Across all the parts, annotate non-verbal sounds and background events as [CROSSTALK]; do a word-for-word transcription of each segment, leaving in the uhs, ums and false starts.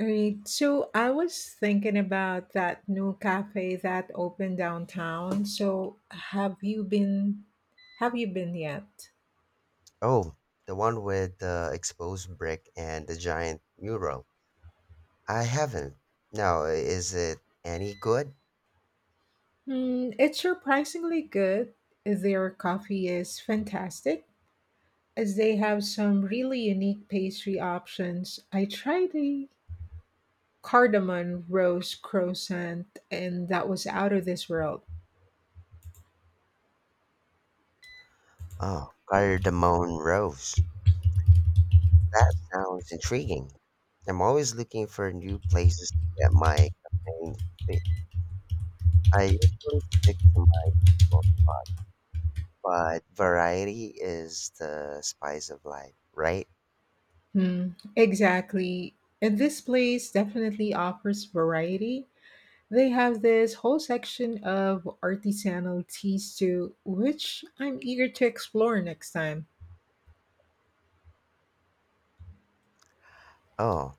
Right. So I was thinking about that new cafe that opened downtown. So have you been have you been yet? Oh, the one with the exposed brick and the giant mural. I haven't. Now, is it any good? Hmm, it's surprisingly good. Their coffee is fantastic as they have some really unique pastry options. I tried a cardamom rose croissant and that was out of this world. Oh, Cardamone Rose. That sounds intriguing. I'm always looking for new places to get my campaign fix. I usually stick to my goals, but variety is the spice of life, right? Hmm, exactly. And this place definitely offers variety. They have this whole section of artisanal teas too, which I'm eager to explore next time. Oh,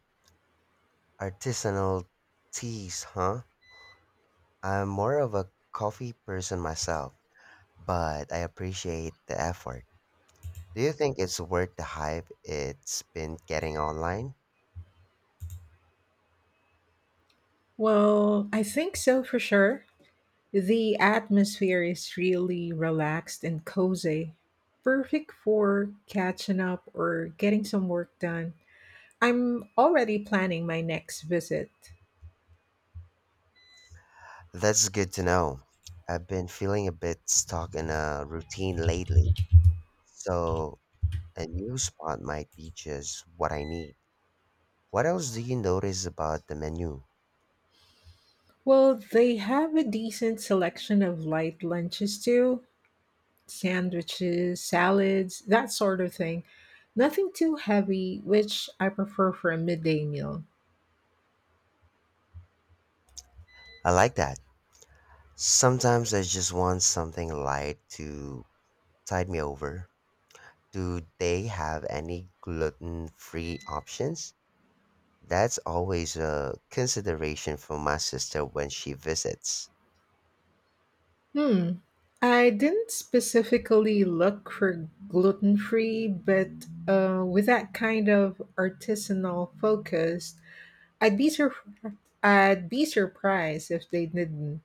artisanal teas, huh? I'm more of a coffee person myself, but I appreciate the effort. Do you think it's worth the hype it's been getting online? Well, I think so for sure. The atmosphere is really relaxed and cozy, perfect for catching up or getting some work done. I'm already planning my next visit. That's good to know. I've been feeling a bit stuck in a routine lately, so a new spot might be just what I need. What else do you notice about the menu? Well, they have a decent selection of light lunches too: sandwiches, salads, that sort of thing. Nothing too heavy, which I prefer for a midday meal. I like that. Sometimes I just want something light to tide me over. Do they have any gluten free options? That's always a consideration for my sister when she visits. Hmm. I didn't specifically look for gluten free, but uh, with that kind of artisanal focus, I'd be sur- I'd be surprised if they didn't.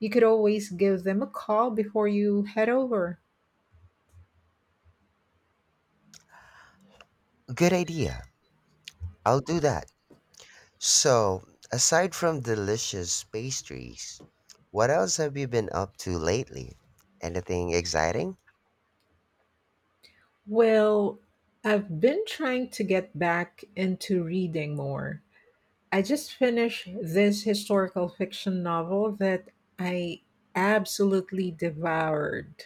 You could always give them a call before you head over. Good idea. I'll do that. So, aside from delicious pastries, what else have you been up to lately? Anything exciting? Well, I've been trying to get back into reading more. I just finished this historical fiction novel that I absolutely devoured.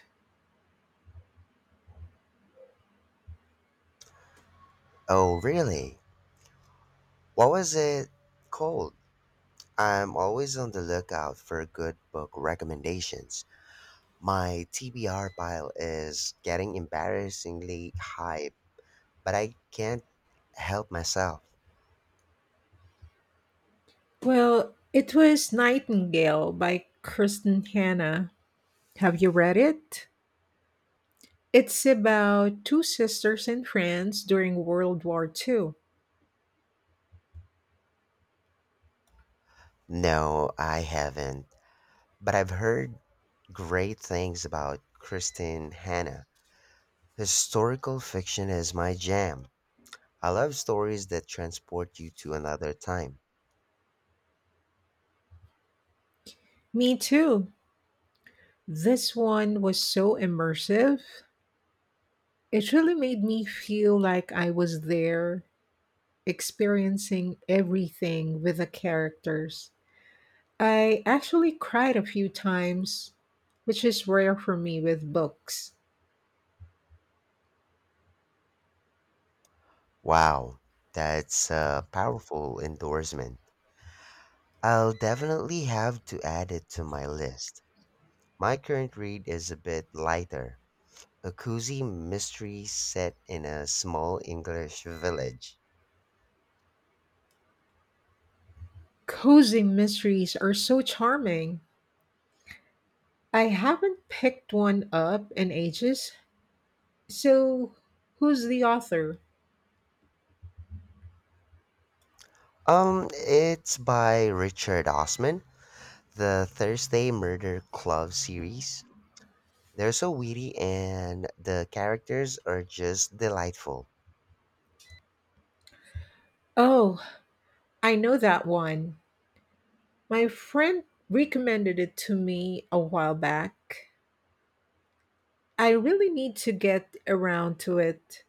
Oh, really? What was it called? I'm always on the lookout for good book recommendations. My T B R pile is getting embarrassingly high, but I can't help myself. Well, it was Nightingale by Kristen Hanna. Have you read it? It's about two sisters in France during World War two. No, I haven't. But I've heard great things about Kristen Hanna. Historical fiction is my jam. I love stories that transport you to another time. Me too. This one was so immersive. It really made me feel like I was there, experiencing everything with the characters. I actually cried a few times, which is rare for me with books. Wow, that's a powerful endorsement. I'll definitely have to add it to my list. My current read is a bit lighter, a cozy mystery set in a small English village. Cozy mysteries are so charming. I haven't picked one up in ages. So, who's the author? Um, it's by Richard Osman, the Thursday Murder Club series. They're so witty and the characters are just delightful. Oh, I know that one. My friend recommended it to me a while back. I really need to get around to it.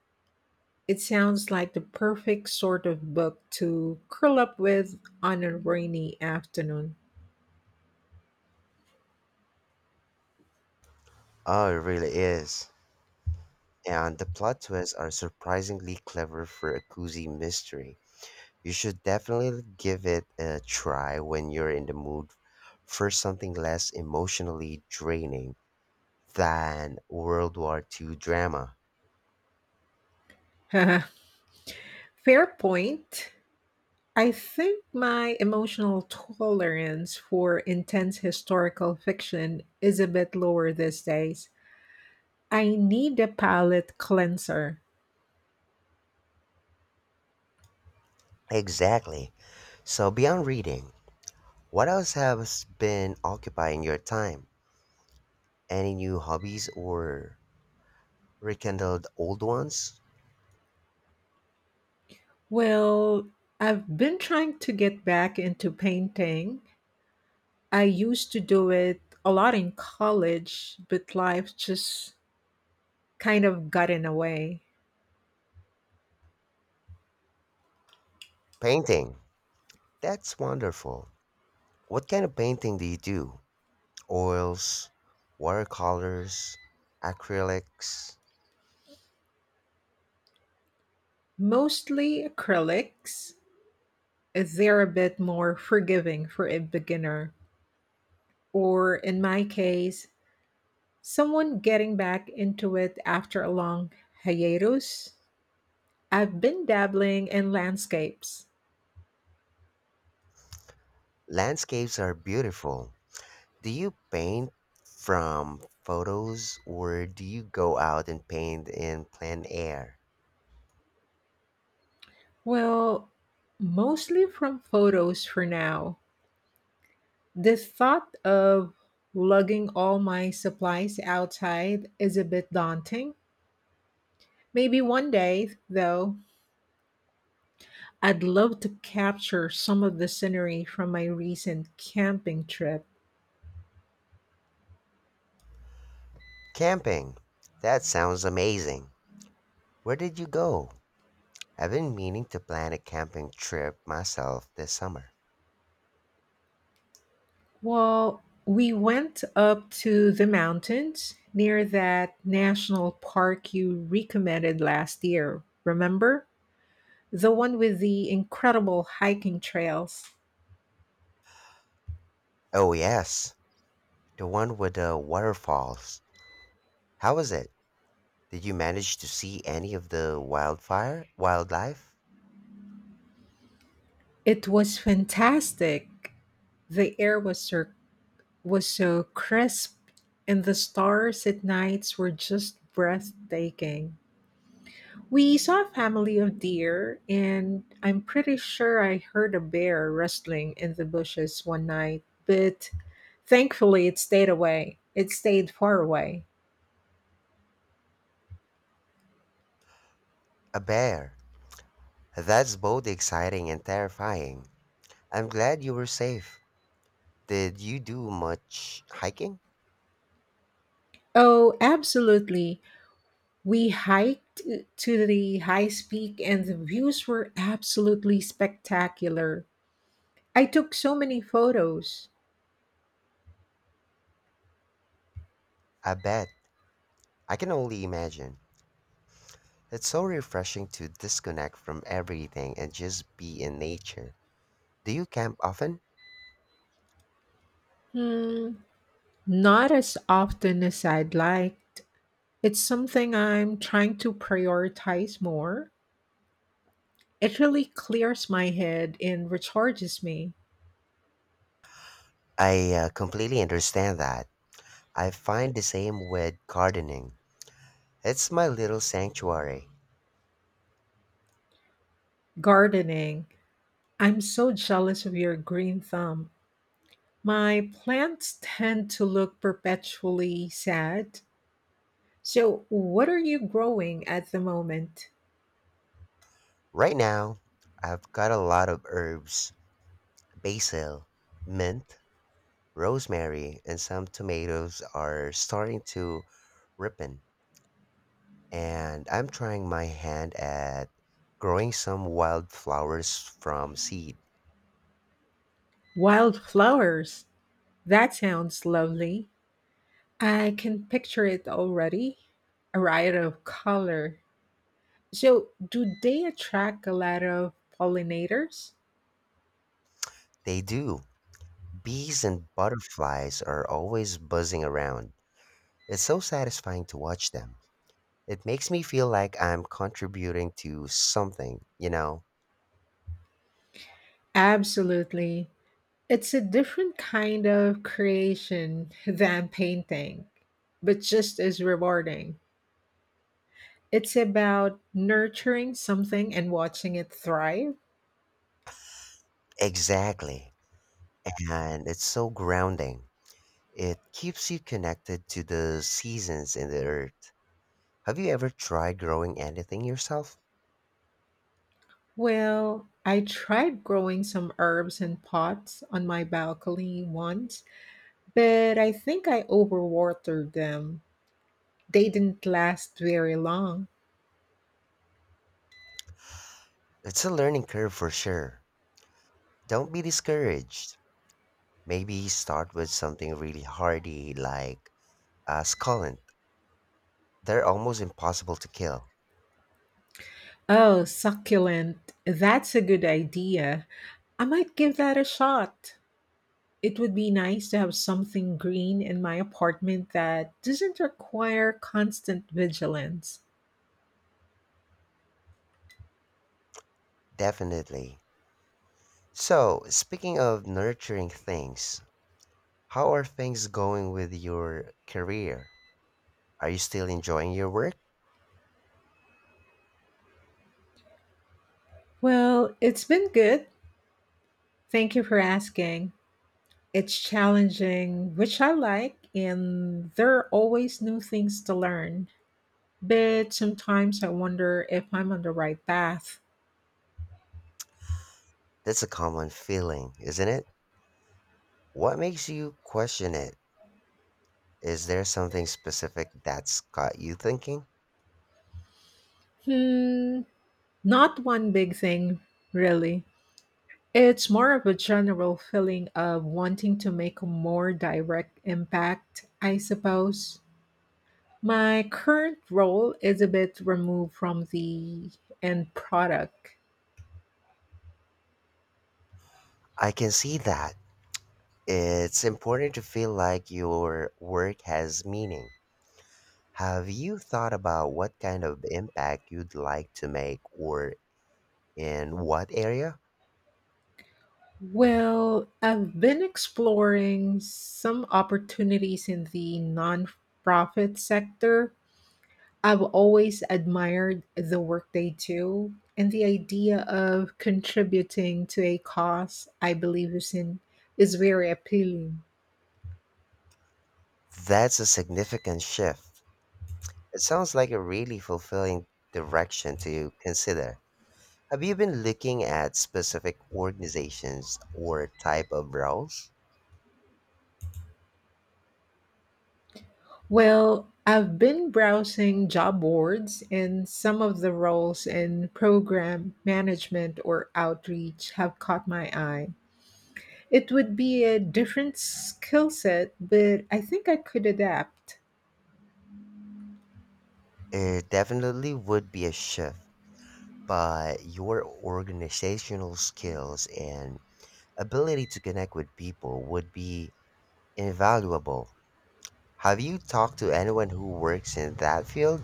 It sounds like the perfect sort of book to curl up with on a rainy afternoon. Oh, it really is, and the plot twists are surprisingly clever for a cozy mystery. You should definitely give it a try when you're in the mood for something less emotionally draining than World War two drama. [LAUGHS] Fair point. I think my emotional tolerance for intense historical fiction is a bit lower these days. I need a palate cleanser. Exactly. So, beyond reading, what else has been occupying your time? Any new hobbies or rekindled old ones? Well, I've been trying to get back into painting. I used to do it a lot in college, but life just kind of got in the way. Painting. That's wonderful. What kind of painting do you do? Oils, watercolors, acrylics. Mostly acrylics, they're a bit more forgiving for a beginner, or in my case, someone getting back into it after a long hiatus. I've been dabbling in landscapes. Landscapes are beautiful. Do you paint from photos or do you go out and paint in plein air? Well, mostly from photos for now. The thought of lugging all my supplies outside is a bit daunting. Maybe one day, though, I'd love to capture some of the scenery from my recent camping trip. Camping. That sounds amazing. Where did you go? I've been meaning to plan a camping trip myself this summer. Well, we went up to the mountains near that national park you recommended last year. Remember? The one with the incredible hiking trails. Oh, yes, the one with the waterfalls. How was it? Did you manage to see any of the wildfire, wildlife? It was fantastic. The air was so, was so crisp, and the stars at nights were just breathtaking. We saw a family of deer, and I'm pretty sure I heard a bear rustling in the bushes one night, but thankfully it stayed away. It stayed far away. A bear. That's both exciting and terrifying. I'm glad you were safe. Did you do much hiking? Oh, absolutely. We hiked to the highest peak, and the views were absolutely spectacular. I took so many photos. I bet. I can only imagine. It's so refreshing to disconnect from everything and just be in nature. Do you camp often? Hmm, not as often as I'd liked. It's something I'm trying to prioritize more. It really clears my head and recharges me. I uh, completely understand that. I find the same with gardening. It's my little sanctuary. Gardening. I'm so jealous of your green thumb. My plants tend to look perpetually sad. So, what are you growing at the moment? Right now, I've got a lot of herbs: basil, mint, rosemary, and some tomatoes are starting to ripen. And I'm trying my hand at growing some wildflowers from seed. Wildflowers. That sounds lovely. I can picture it already. A riot of color. So, do they attract a lot of pollinators? They do. Bees and butterflies are always buzzing around. It's so satisfying to watch them. It makes me feel like I'm contributing to something, you know? Absolutely. It's a different kind of creation than painting, but just as rewarding. It's about nurturing something and watching it thrive. Exactly, and it's so grounding. It keeps you connected to the seasons and the earth. Have you ever tried growing anything yourself? Well, I tried growing some herbs in pots on my balcony once, but I think I overwatered them. They didn't last very long. It's a learning curve for sure. Don't be discouraged. Maybe start with something really hardy like a succulent. They're almost impossible to kill. Oh, succulent. That's a good idea. I might give that a shot. It would be nice to have something green in my apartment that doesn't require constant vigilance. Definitely. So, speaking of nurturing things, how are things going with your career? Are you still enjoying your work? Well, it's been good. Thank you for asking. It's challenging, which I like, and there are always new things to learn. But sometimes I wonder if I'm on the right path. That's a common feeling, isn't it? What makes you question it? Is there something specific that's got you thinking? Hmm, not one big thing, really. It's more of a general feeling of wanting to make a more direct impact, I suppose. My current role is a bit removed from the end product. I can see that. It's important to feel like your work has meaning. Have you thought about what kind of impact you'd like to make or in what area? Well, I've been exploring some opportunities in the nonprofit sector. I've always admired the work they do, and the idea of contributing to a cause I believe is in is very appealing. That's a significant shift. It sounds like a really fulfilling direction to consider. Have you been looking at specific organizations or type of roles? Well, I've been browsing job boards, and some of the roles in program management or outreach have caught my eye. It would be a different skill set, but I think I could adapt. It definitely would be a shift, but your organizational skills and ability to connect with people would be invaluable. Have you talked to anyone who works in that field?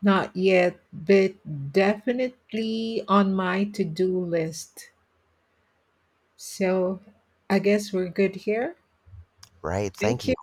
Not yet, but definitely on my to do list. So I guess we're good here. Right, thank Thank you. you.